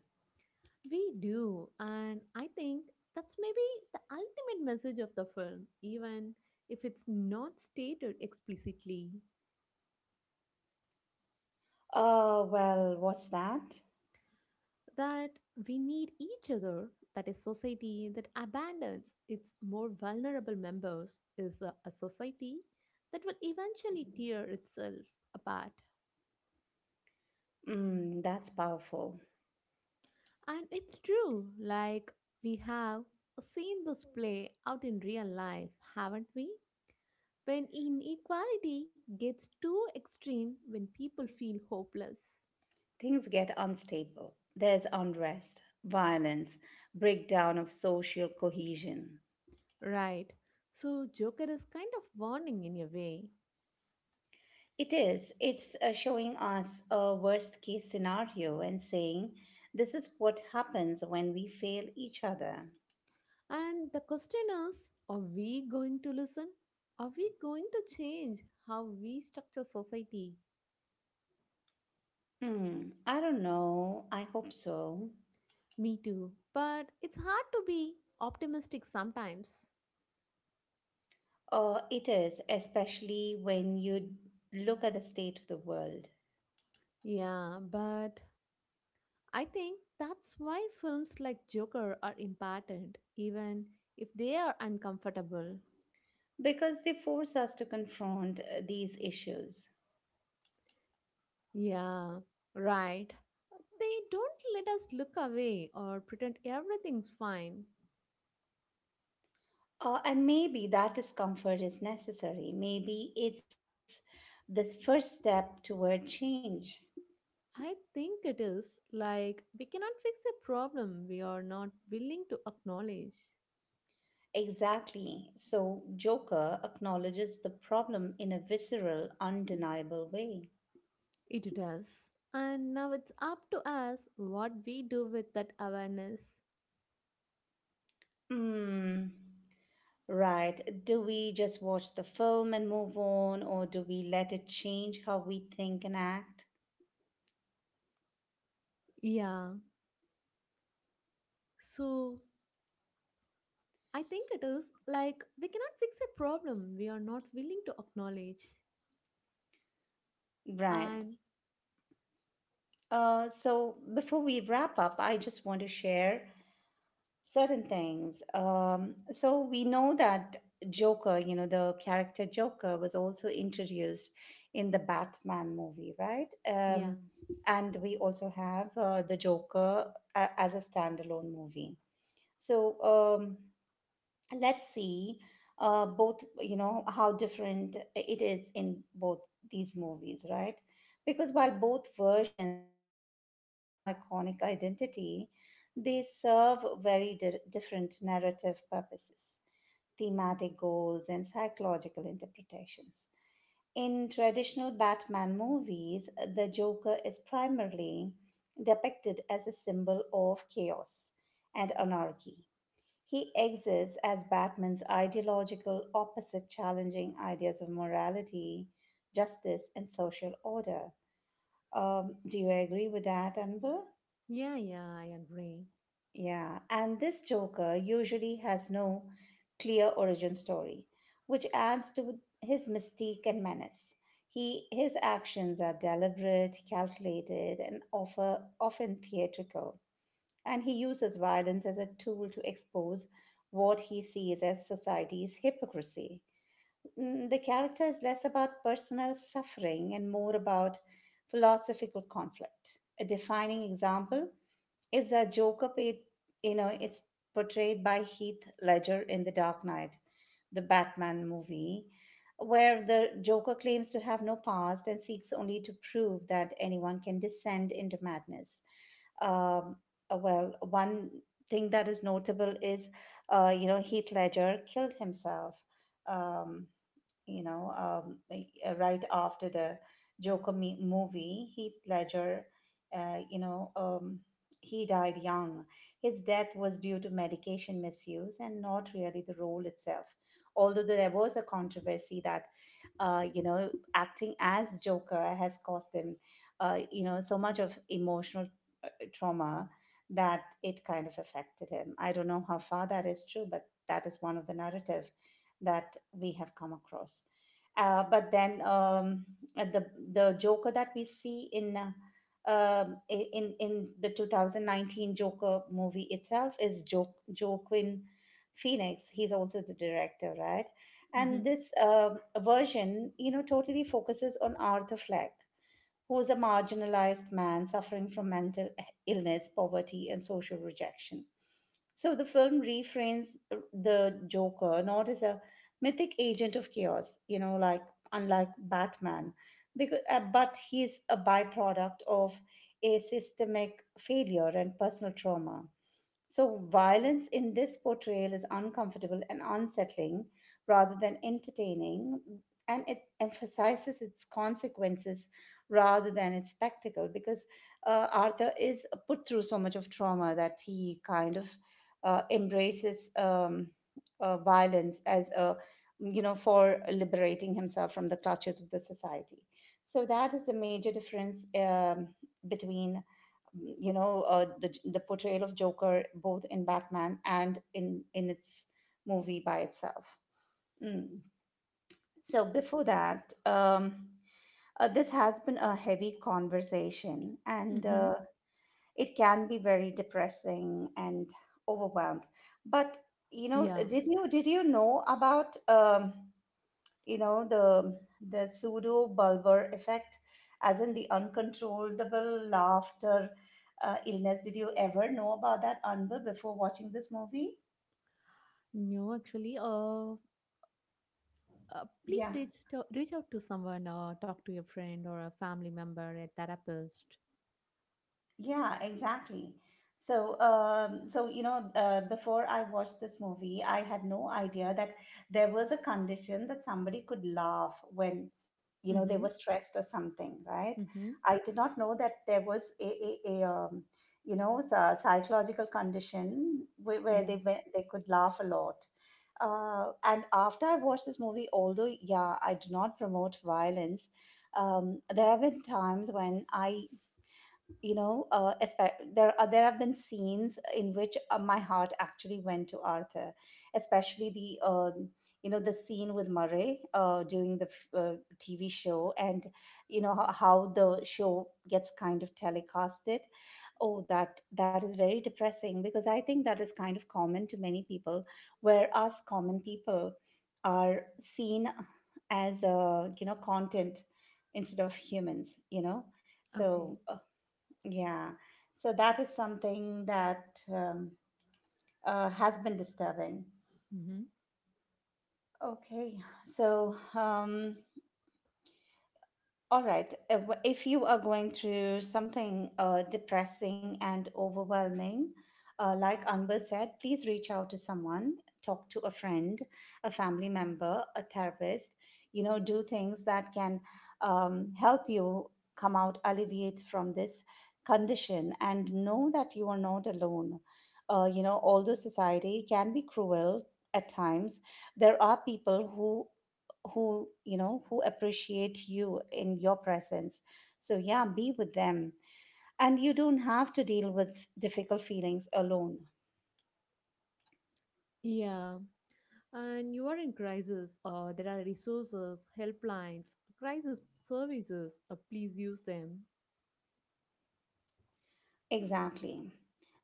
Speaker 1: We do, and I think that's maybe the ultimate message of the film, even if it's not stated explicitly.
Speaker 2: Oh, well, what's that?
Speaker 1: That we need each other, that a society that abandons its more vulnerable members is a society that will eventually tear itself apart.
Speaker 2: Mm, that's powerful.
Speaker 1: And it's true, like we have seen this play out in real life, haven't we? When inequality gets too extreme, when people feel hopeless.
Speaker 2: Things get unstable. There's unrest, violence, breakdown of social cohesion.
Speaker 1: Right. So, Joker is kind of warning in a way.
Speaker 2: It is. It's showing us a worst case scenario and saying, this is what happens when we fail each other.
Speaker 1: And the question is, are we going to listen? Are we going to change how we structure society?
Speaker 2: Hmm, I don't know. I hope so.
Speaker 1: Me too. But it's hard to be optimistic sometimes.
Speaker 2: It is, especially when you look at the state of the world,
Speaker 1: Yeah, but I think that's why films like Joker are important, even if they are uncomfortable.
Speaker 2: because they force us to confront these issues.
Speaker 1: Yeah, right. They don't let us look away or pretend everything's fine.
Speaker 2: And maybe that discomfort is necessary. Maybe it's the first step toward change.
Speaker 1: I think it is like we cannot fix a problem we are not willing to acknowledge.
Speaker 2: Exactly. So Joker acknowledges the problem in a visceral, undeniable way.
Speaker 1: It does. And now it's up to us what we do with that awareness.
Speaker 2: Hmm. Right. Do we just watch the film and move on, or do we let it change how we think and act?
Speaker 1: Yeah. So I think it is like we cannot fix a problem we are not willing to acknowledge.
Speaker 2: Right.
Speaker 1: And
Speaker 2: So before we wrap up, I just want to share certain things. So we know that Joker, you know, the character Joker was also introduced in the Batman movie, right?
Speaker 1: yeah.
Speaker 2: And we also have the Joker as a standalone movie. So let's see both, you know, how different it is in both these movies, right? Because while both versions share the same iconic identity, they serve very different narrative purposes, thematic goals, and psychological interpretations. In traditional Batman movies, the Joker is primarily depicted as a symbol of chaos and anarchy. He exists as Batman's ideological opposite, challenging ideas of morality, justice, and social order. Do you agree with that, Anbu?
Speaker 1: Yeah, yeah, I agree.
Speaker 2: Yeah, and this Joker usually has no clear origin story, which adds to his mystique and menace. His actions are deliberate, calculated, and often theatrical, and he uses violence as a tool to expose what he sees as society's hypocrisy. Mm, the character is less about personal suffering and more about philosophical conflict. A defining example is the Joker you know, it's portrayed by Heath Ledger in The Dark Knight, the Batman movie, where the Joker claims to have no past and seeks only to prove that anyone can descend into madness. Um, well, one thing that is notable is, you know, Heath Ledger killed himself. Um, you know, um, right after the Joker movie, Heath Ledger, uh, you know, um, he died young. His death was due to medication misuse and not really the role itself. Although there was a controversy that, you know, acting as Joker has cost him, you know, so much of emotional trauma that it kind of affected him. I don't know how far that is true, but that is one of the narrative that we have come across. But then the Joker that we see in in the 2019 Joker movie itself is Joaquin Phoenix. He's also the director, right? And
Speaker 1: Mm-hmm.
Speaker 2: this version, you know, totally focuses on Arthur Fleck, who's a marginalized man suffering from mental illness, poverty, and social rejection. So the film reframes the Joker not as a mythic agent of chaos, you know, like unlike Batman, because but he's a byproduct of a systemic failure and personal trauma. So, violence in this portrayal is uncomfortable and unsettling rather than entertaining, and it emphasizes its consequences rather than its spectacle, because Arthur is put through so much of trauma that he kind of embraces violence as a, you know, for liberating himself from the clutches of the society. So that is the major difference, between, you know, the portrayal of Joker both in Batman and in its movie by itself. Mm. So before that, this has been a heavy conversation, and
Speaker 1: Mm-hmm.
Speaker 2: it can be very depressing and overwhelmed. But you know,
Speaker 1: Yeah.
Speaker 2: did you know about? You know the pseudo bulbar effect as in the uncontrollable laughter illness, did you ever know about that, anbu, before watching this movie?
Speaker 1: No, actually, please
Speaker 2: Yeah.
Speaker 1: reach out to someone or talk to your friend or a family member, a therapist.
Speaker 2: Yeah, exactly. So, so you know, before I watched this movie, I had no idea that there was a condition that somebody could laugh when, you know, they
Speaker 1: Mm-hmm.
Speaker 2: were stressed or something, right?
Speaker 1: Mm-hmm.
Speaker 2: I did not know that there was a, a, you know, psychological condition where
Speaker 1: Yeah.
Speaker 2: they went, they could laugh a lot. And after I watched this movie, although yeah, I do not promote violence, there have been times when I, there are, there have been scenes in which my heart actually went to arthur, especially the you know the scene with murray during the tv show, and you know how the show gets kind of telecasted. Oh, that is very depressing because I think that is kind of common to many people, where us common people are seen as you know content instead of humans, you know.
Speaker 1: Okay.
Speaker 2: So yeah, so that is something that um, has been disturbing.
Speaker 1: Mm-hmm.
Speaker 2: Okay, so all right. If you are going through something depressing and overwhelming, like Anbar said, please reach out to someone, talk to a friend, a family member, a therapist. You know, do things that can help you come out, alleviate from this condition, and know that you are not alone. You know, although society can be cruel at times, there are people who you know, who appreciate you in your presence. So yeah, be with them, and you don't have to deal with difficult feelings alone.
Speaker 1: Yeah. And you are in crisis, or there are resources, helplines, crisis services. Please use them.
Speaker 2: Exactly.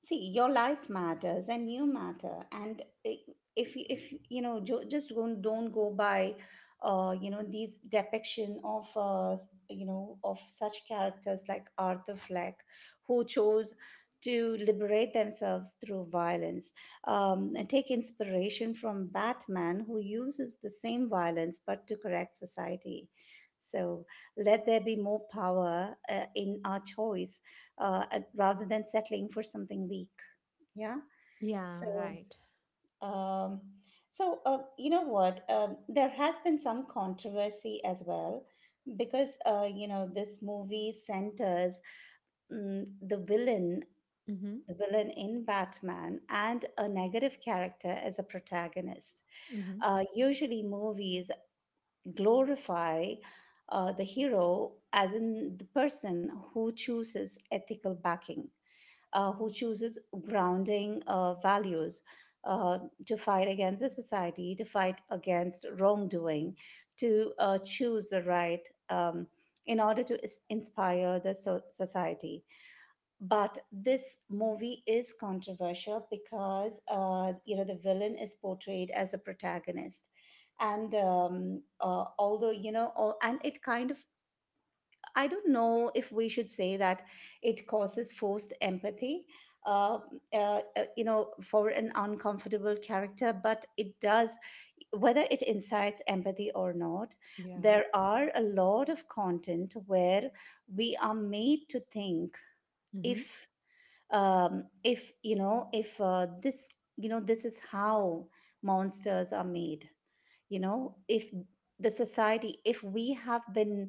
Speaker 2: See, your life matters and you matter. And if you know, just don't go by, you know, these depiction of you know, of such characters like Arthur Fleck, who chose to liberate themselves through violence. And take inspiration from Batman, who uses the same violence but to correct society. So let there be more power in our choice, rather than settling for something weak. Yeah.
Speaker 1: Yeah.
Speaker 2: So,
Speaker 1: Right.
Speaker 2: um, you know what? There has been some controversy as well because you know this movie centers, mm,
Speaker 1: Mm-hmm.
Speaker 2: the villain in Batman, and a negative character as a protagonist.
Speaker 1: Mm-hmm.
Speaker 2: Usually, movies glorify the hero as in the person who chooses ethical backing, who chooses grounding values, uh, to fight against the society, to fight against wrongdoing, to choose the right, in order to inspire the society. But this movie is controversial because you know the villain is portrayed as a protagonist. And although you know, all, and it kind of, I don't know if we should say that it causes forced empathy, uh, you know, for an uncomfortable character, but it does, whether it incites empathy or not,
Speaker 1: Yeah.
Speaker 2: there are a lot of content where we are made to think
Speaker 1: Mm-hmm.
Speaker 2: if if you know if this, you know this is how monsters are made, you know, if the society, if we have been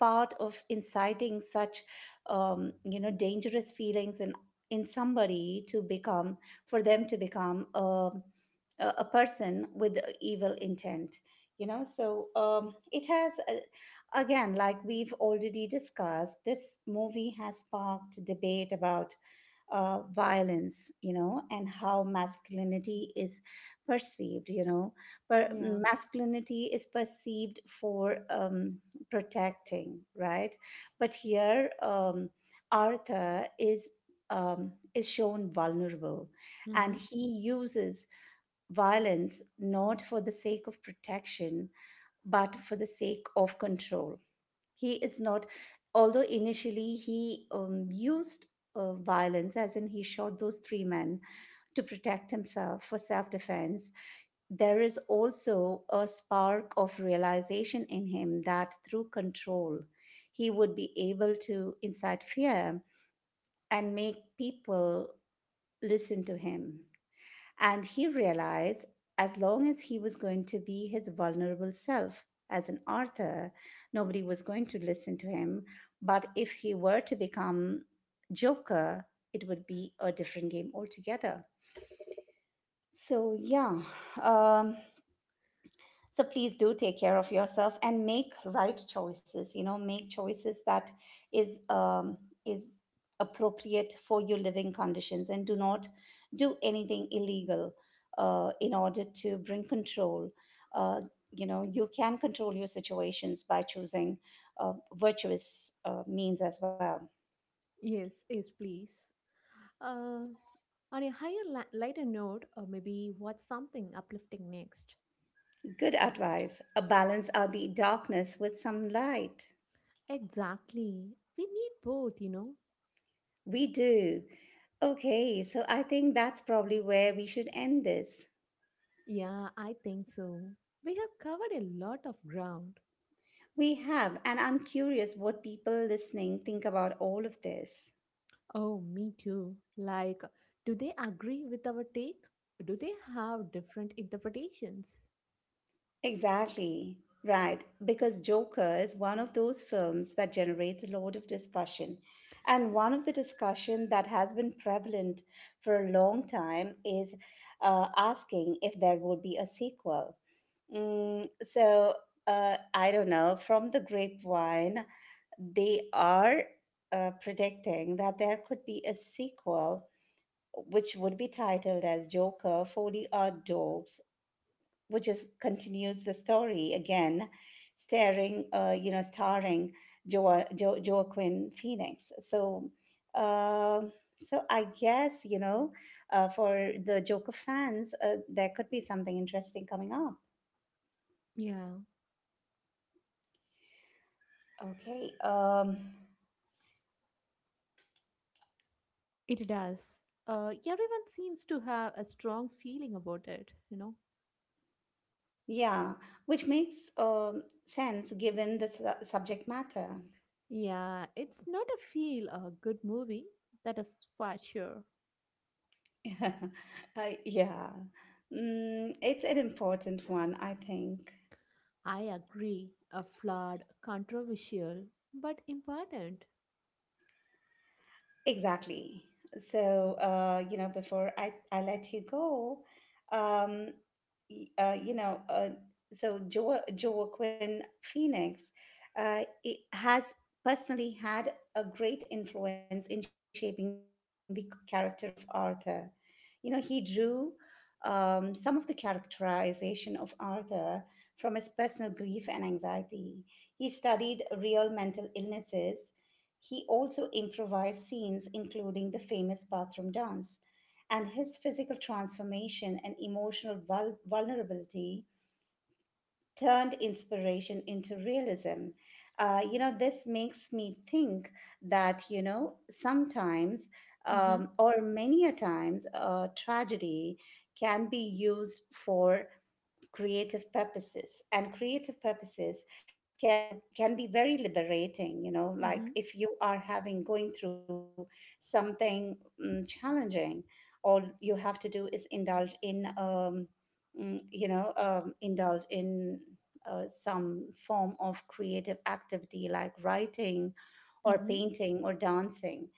Speaker 2: part of inciting such you know dangerous feelings in somebody to become, for them to become a, a person with evil intent, you know. So it has again, like we've already discussed, this movie has sparked debate about violence, you know, and how masculinity is perceived, you know. But
Speaker 1: Yeah.
Speaker 2: masculinity is perceived for protecting, right? But here, Arthur is. Is shown vulnerable, and
Speaker 1: Mm-hmm.
Speaker 2: he uses violence not for the sake of protection but for the sake of control. He is not, although initially he used violence as in he shot those three men to protect himself for self-defense, there is also a spark of realization in him that through control he would be able to incite fear and make people listen to him. And he realized, as long as he was going to be his vulnerable self as an author, nobody was going to listen to him. But if he were to become Joker, it would be a different game altogether. So, yeah. Um, so please do take care of yourself and make right choices, you know, make choices that is um is appropriate for your living conditions, and do not do anything illegal in order to bring control. uh, you know, you can control your situations by choosing virtuous means as well.
Speaker 1: Yes. Yes. Please. Uh, on a higher, lighter note, or maybe watch something uplifting next.
Speaker 2: Good advice, a balance out the darkness with some light.
Speaker 1: Exactly. We need both, you know.
Speaker 2: We do. Okay, so I think that's probably where we should end this.
Speaker 1: Yeah, I think so. We have covered a lot of ground.
Speaker 2: We have, and I'm curious what people listening think about all of this.
Speaker 1: Oh, me too. Like, do they agree with our take? Do they have different interpretations?
Speaker 2: Exactly. Right, because Joker is one of those films that generates a lot of discussion. And one of the discussion that has been prevalent for a long time is asking if there would be a sequel. Mm, so, I don't know, from the grapevine, they are predicting that there could be a sequel which would be titled as Joker 40 Odd Dogs, which is continues the story again, you know, starring Joaquin Phoenix. So, uh, so I guess, you know, for the Joker fans, there could be something interesting coming up.
Speaker 1: Yeah,
Speaker 2: Okay.
Speaker 1: it does. Everyone seems to have a strong feeling about it, you know.
Speaker 2: Yeah, which makes sense given the subject matter.
Speaker 1: Yeah, it's not a feel a good movie. That is for sure.
Speaker 2: Yeah, mm, it's an important one, I think.
Speaker 1: I agree. A flawed, controversial, but important.
Speaker 2: Exactly. So, you know, before I let you go, um, you know, so Joaquin Phoenix, it has personally had a great influence in shaping the character of Arthur. You know, he drew some of the characterization of Arthur from his personal grief and anxiety. He studied real mental illnesses, he also improvised scenes, including the famous bathroom dance. And his physical transformation and emotional vulnerability turned inspiration into realism. You know, this makes me think that, you know, sometimes
Speaker 1: Mm-hmm.
Speaker 2: or many a times tragedy can be used for creative purposes, and creative purposes can be very liberating, you know, like
Speaker 1: Mm-hmm.
Speaker 2: if you are having going through something, mm, challenging, all you have to do is indulge in you know indulge in some form of creative activity like writing or
Speaker 1: Mhm.
Speaker 2: painting or dancing.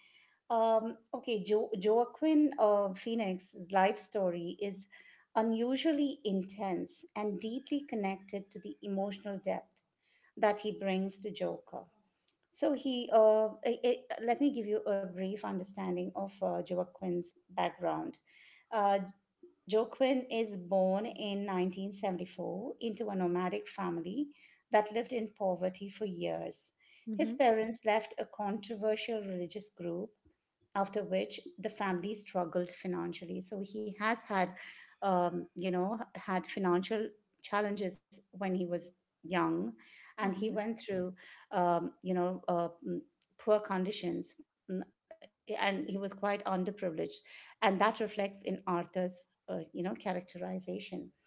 Speaker 2: Um, okay, Joaquin Phoenix's life story is unusually intense and deeply connected to the emotional depth that he brings to Joker. So he, let me give you a brief understanding of Joaquin's background. Uh, Joaquin is born in 1974 into a nomadic family that lived in poverty for years. His
Speaker 1: Mhm.
Speaker 2: parents left a controversial religious group, after which the family struggled financially. So he has had, you know, had financial challenges when he was young, and he
Speaker 1: Mhm.
Speaker 2: went through, you know, poor conditions, mm, and he was quite underprivileged, and that reflects in Arthur's, you know, characterization.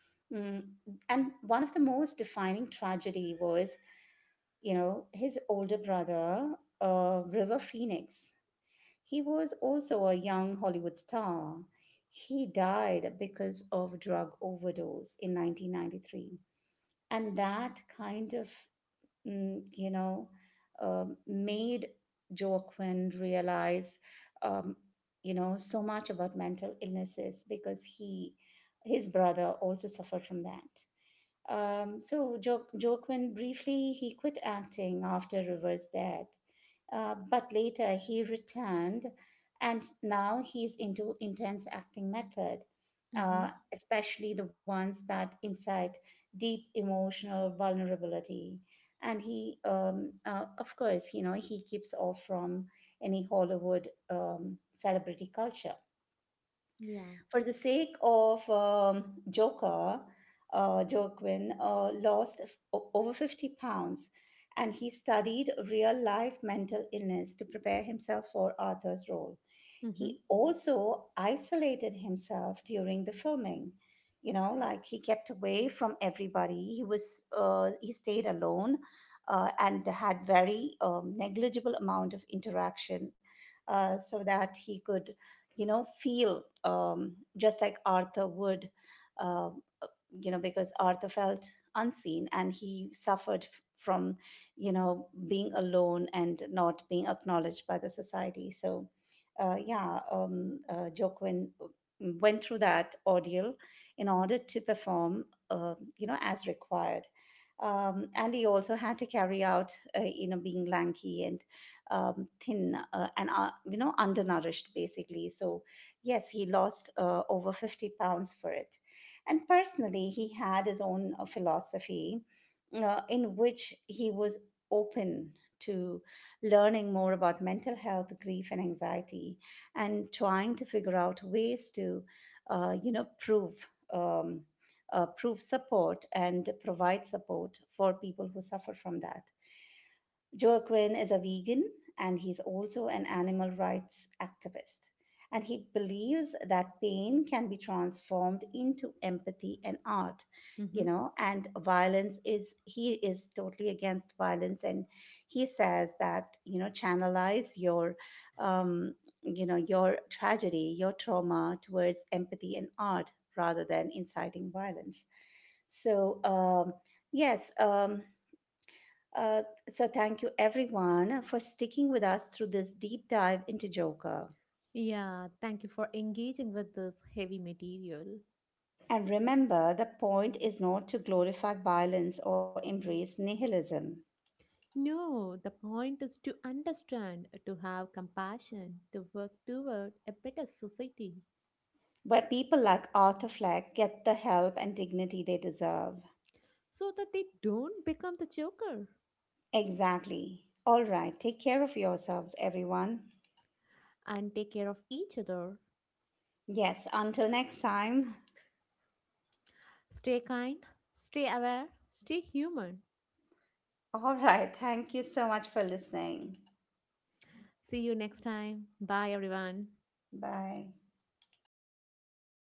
Speaker 2: Mm, and one of the most defining tragedy was, you know, his older brother, River Phoenix, he was also a young Hollywood star. He died because of drug overdose in 1993. And that kind of, mm, you know, made Joaquin realize, um, you know, so much about mental illnesses because he, his brother also suffered from that. So Joaquin, briefly he quit acting after River's death, but later he returned, and now he's into intense acting method,
Speaker 1: Mhm.
Speaker 2: especially the ones that incite deep emotional vulnerability. And he, of course, you know he keeps off from any Hollywood celebrity culture.
Speaker 1: Yeah.
Speaker 2: For the sake of Joker, Joaquin lost over 50 pounds, and he studied real life mental illness to prepare himself for Arthur's role.
Speaker 1: Mhm.
Speaker 2: He also isolated himself during the filming. You know, like he kept away from everybody. He was he stayed alone, and had very negligible amount of interaction, so that he could, you know, feel, just like Arthur would. Uh, you know, because Arthur felt unseen, and he suffered from, you know, being alone and not being acknowledged by the society. So yeah, Joaquin went through that ordeal in order to perform, you know, as required. And he also had to carry out, you know, being lanky and thin, and, you know, undernourished basically. So, yes, he lost over 50 pounds for it. And personally, he had his own philosophy in which he was open to learning more about mental health, grief, and anxiety, and trying to figure out ways to, you know, prove. Prove support and provide support for people who suffer from that. Joaquin is a vegan, and he's also an animal rights activist. And he believes that pain can be transformed into empathy and art, you
Speaker 1: Mhm.
Speaker 2: know, and violence is, he is totally against violence. And he says that, you know, channelize your, um, you know, your tragedy, your trauma towards empathy and art rather than inciting violence. So, yes. uh, so, thank you everyone for sticking with us through this deep dive into Joker.
Speaker 1: Yeah, thank you for engaging with this heavy material.
Speaker 2: And remember, the point is not to glorify violence or embrace nihilism,
Speaker 1: No, the point is to understand, to have compassion, to work toward a better society
Speaker 2: but people like Arthur Fleck get the help and dignity they deserve.
Speaker 1: so that they don't become the joker.
Speaker 2: Exactly. All right. Take care of yourselves, everyone.
Speaker 1: And take care of each other.
Speaker 2: Yes, until next time.
Speaker 1: Stay kind, stay aware, stay human.
Speaker 2: All right. Thank you so much for listening.
Speaker 1: See you next time. Bye, everyone.
Speaker 2: Bye.